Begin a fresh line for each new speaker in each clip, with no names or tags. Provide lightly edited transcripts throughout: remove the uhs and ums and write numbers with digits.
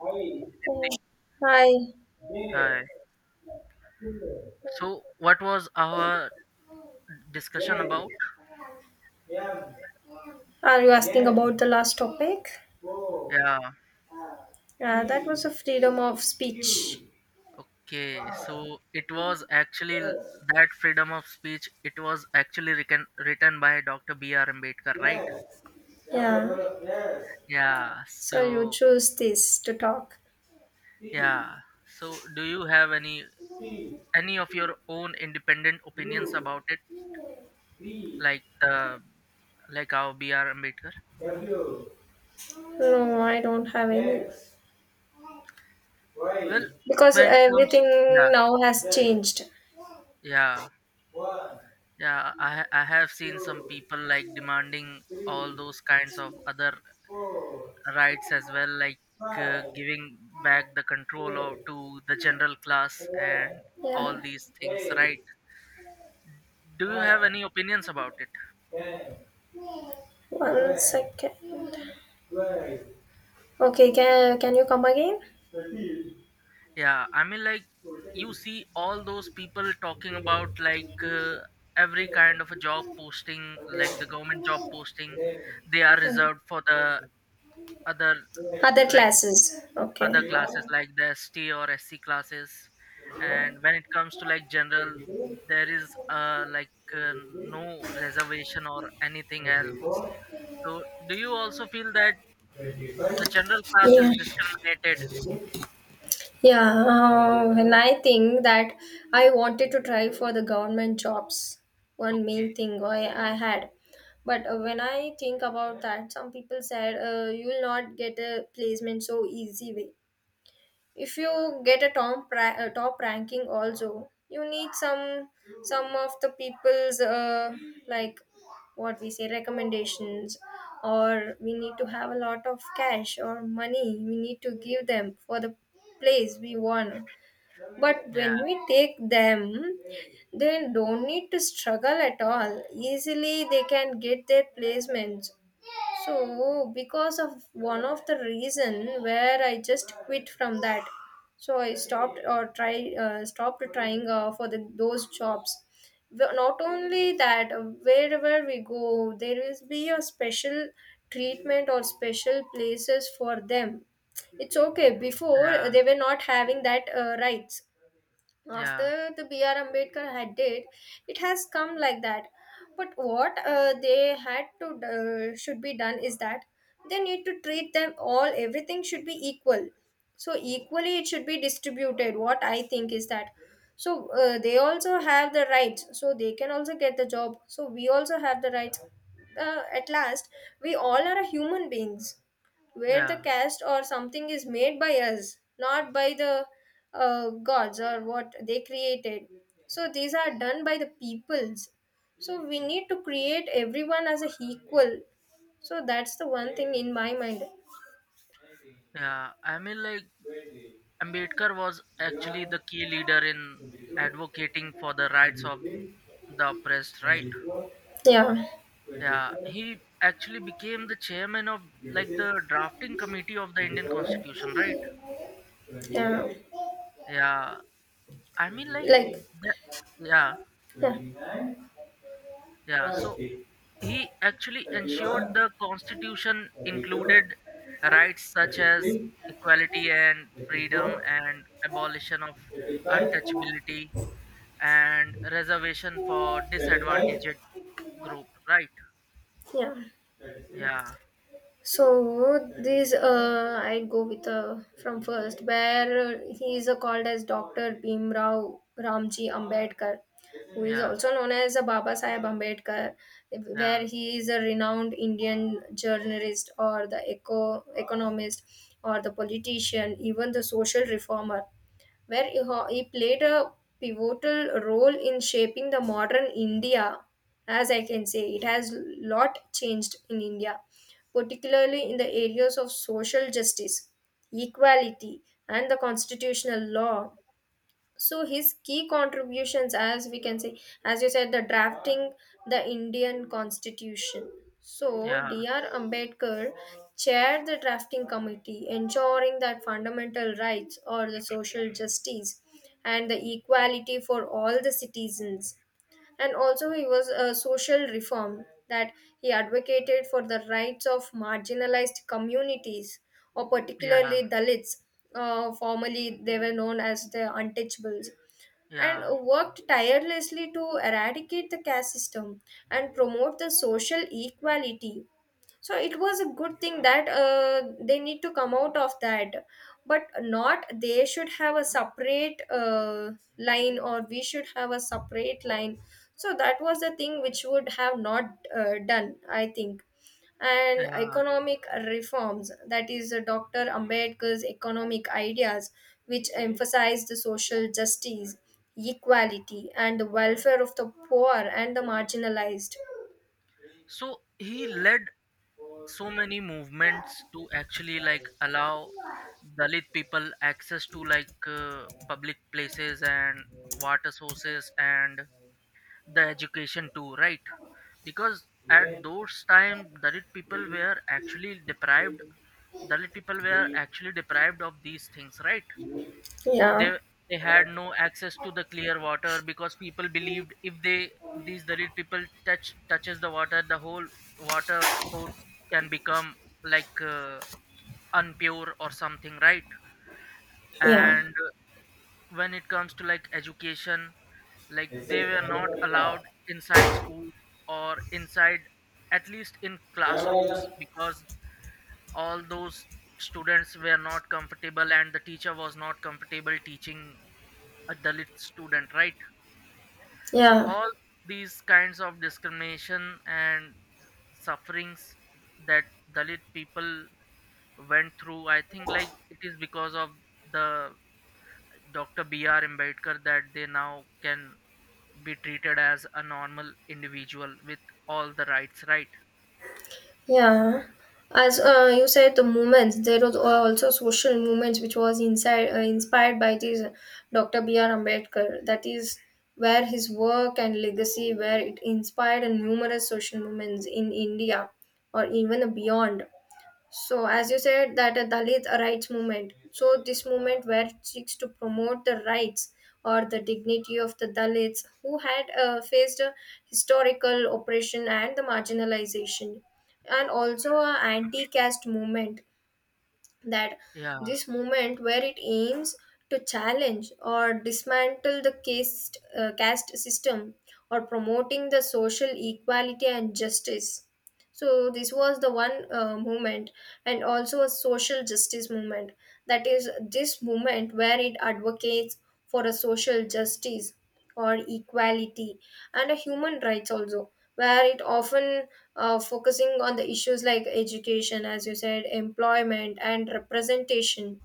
Hi.
Hi. So, what was our discussion about?
Are you asking about the last topic?
Yeah.
Yeah, that was a freedom of speech.
Okay. So, it was actually that freedom of speech, it was actually written by Dr. B.R. Ambedkar, right?
Yeah.
Yeah.
So you
So,
choose this to talk.
yeah. So, do you have any of your own independent opinions about it,
No,
like the like our B.R. Ambedkar?
I don't have any.
Well,
Because
when it comes, yeah,
everything now has changed.
yeah. Yeah, I have seen some people like demanding all
3,
those kinds of other
4,
rights as well, like
5,
giving back the
6,
control of
7,
to the general class and all
yeah,
these things, right?
8,
Do you have
9,
any opinions about it?
10, 1 11, second. 12. Okay, can you come again? 13
Yeah, I mean, like, you
14,
see all those people talking
15,
about, like
16,
every
17,
kind of a
18.
job posting, like the government job posting.
Mm.
They are
19
reserved for the other,
20. Other
like
classes. Okay.
other classes,
21.
like the ST or SC classes. And when it comes to like general, there is like no reservation or anything else. So do you also feel that the general class
Yeah.
is discriminated?
26. Yeah, and I think that I wanted to try for the government jobs, one main
Okay.
thing I had. But when I think about that, some people said you will not get a placement so easy way. If you get a top, top ranking also, you need some of the people's, like, what we say, recommendations, or we need to have a lot of cash or money we need to give them for the place we want. But
Yeah.
when we take them, they don't need to struggle at all, easily they can get their placements. So, because of one of the reason where I just quit from that, so I stopped or try stopped trying for those jobs. Not only that, wherever we go, there is be a special treatment or special places for them. It's okay. Before
Yeah.
they were not having that rights. After
Yeah.
the BR Ambedkar had did, it has come like that. But what they had to should be done is that they need to treat them all, everything should be equal, so equally it should be distributed. What I think is that, so they also have the rights, so they can also get the job, so we also have the rights. At last, we all are human beings, where the
Yeah.
cast or something is made by us, not by the gods or what they created. So these are done by the peoples. So we need to create everyone as a equal. So that's the one thing in my mind.
Yeah, I mean, like, Ambedkar was actually the key leader in advocating for the rights of the oppressed, right?
Yeah.
Yeah, he actually became the chairman of like the drafting committee of the Indian Constitution, right?
Yeah.
Yeah, I mean, like
Like,
the, yeah, yeah. So
yeah.
he actually ensured
31
the Constitution
32,
included rights such as
33,
equality and freedom
34,
and abolition of
35,
untouchability and reservation for
35,
disadvantaged group, right?
yeah, 36.
Yeah,
So this I go with, from first, where he is called as Dr. Bhimrao Ramji Ambedkar, who is
yeah,
also known as Baba Saheb Ambedkar, where
yeah,
he is a renowned Indian journalist, or the economist, or the politician, even the social reformer, where he he played a pivotal role in shaping the modern India. As I can say, it has lot changed in India, particularly in the areas of social justice, equality, and the constitutional law. So his key contributions, as we can say, as you said, the drafting the Indian Constitution. So
yeah,
Dr. Ambedkar chaired the drafting committee, ensuring that fundamental rights, or the social justice, and the equality for all the citizens. And also he was a social reform that he advocated for the rights of marginalized communities, or
yeah,
particularly Dalits, formerly they were known as the untouchables, and
yeah,
worked tirelessly to eradicate the caste system and promote the social equality. So it was a good thing that they need to come out of that, but not they should have a separate line, or we should have a separate line. So that was the thing which would have not done, I think. And
yeah.
economic reforms, that is Dr. Ambedkar's economic ideas, which emphasize the social justice, equality and the welfare of the poor and the marginalized.
So he led so many movements to actually like allow Dalit people access to like public places and water sources and the education too, right? Because at those time, dalit people were actually deprived dalit people were actually deprived of these things, right?
Yeah.
They they had no access to the clear water, because people believed if they, these Dalit people, touches the water, the whole water source can become like unpure or something, right? And when it comes to like education, like they were not allowed inside school, or inside, at least, in classrooms,
Yeah.
because all those students were not comfortable and the teacher was not comfortable teaching a Dalit student, right? So
Yeah,
all these kinds of discrimination and sufferings that Dalit people went through, I think, like, it is because of the Dr. B.R. Ambedkar that they now can be treated as a normal individual with all the rights, right?
Yeah, as you said, the movements. There was also social movements which was inside, inspired by this Dr. B. R. Ambedkar. That is where his work and legacy, where it inspired numerous social movements in India or even beyond. So, as you said, that a Dalit rights movement. So, this movement where it seeks to promote the rights or the dignity of the Dalits who had faced a historical oppression and the marginalization. And also a anti-caste movement, that
Yeah.
this movement where it aims to challenge or dismantle the caste system, or promoting the social equality and justice. So this was the one movement. And also a social justice movement, that is this movement where it advocates for a social justice or equality and a human rights also, where it often focusing on the issues like education, as you said, employment and representation.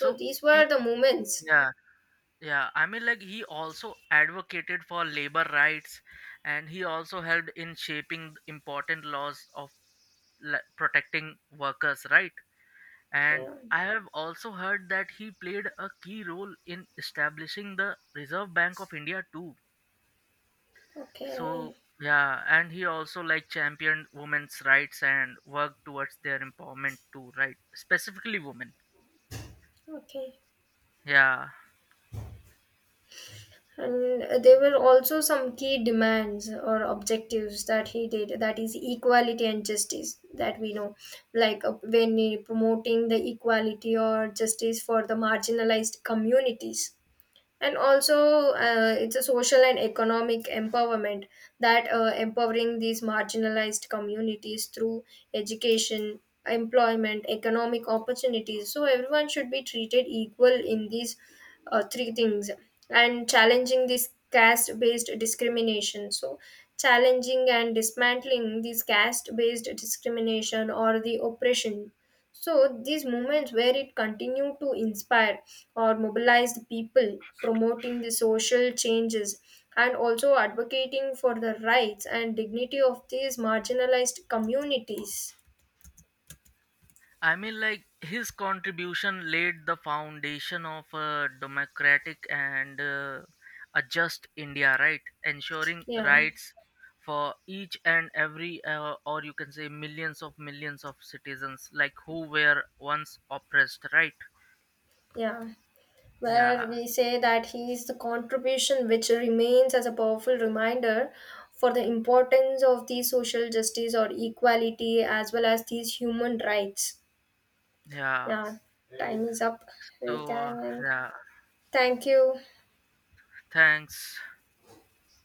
So
these were
eh,
the movements.
yeah, yeah, I mean, like, he also advocated for labor rights, and he also helped in shaping important laws of protecting workers, right? And
Yeah.
I have also heard that he played a key role in establishing the Reserve Bank of India too.
Okay.
So, yeah, and he also like championed women's rights and worked towards their empowerment too, right? Specifically women.
Okay.
Yeah.
And there were also some key demands or objectives that he did, that is equality and justice that we know, like when he promoting the equality or justice for the marginalized communities, and also it's a social and economic empowerment, that empowering these marginalized communities through education, employment, economic opportunities, so everyone should be treated equal in these three things. And challenging this caste based discrimination, so challenging and dismantling this caste based discrimination or the oppression. So these moments where it continued to inspire or mobilize the people, promoting the social changes, and also advocating for the rights and dignity of these marginalized communities.
I mean, like, his contribution laid the foundation of a democratic and a just India, right? Ensuring
Yeah,
rights for each and every, or you can say, millions of citizens, like who were once oppressed, right?
yeah. Where
Yeah,
we say that he is the contribution which remains as a powerful reminder for the importance of these social justice or equality as well as these human rights.
yeah.
Yeah, time is up. We
So,
can end.
yeah,
Thank you.
thanks.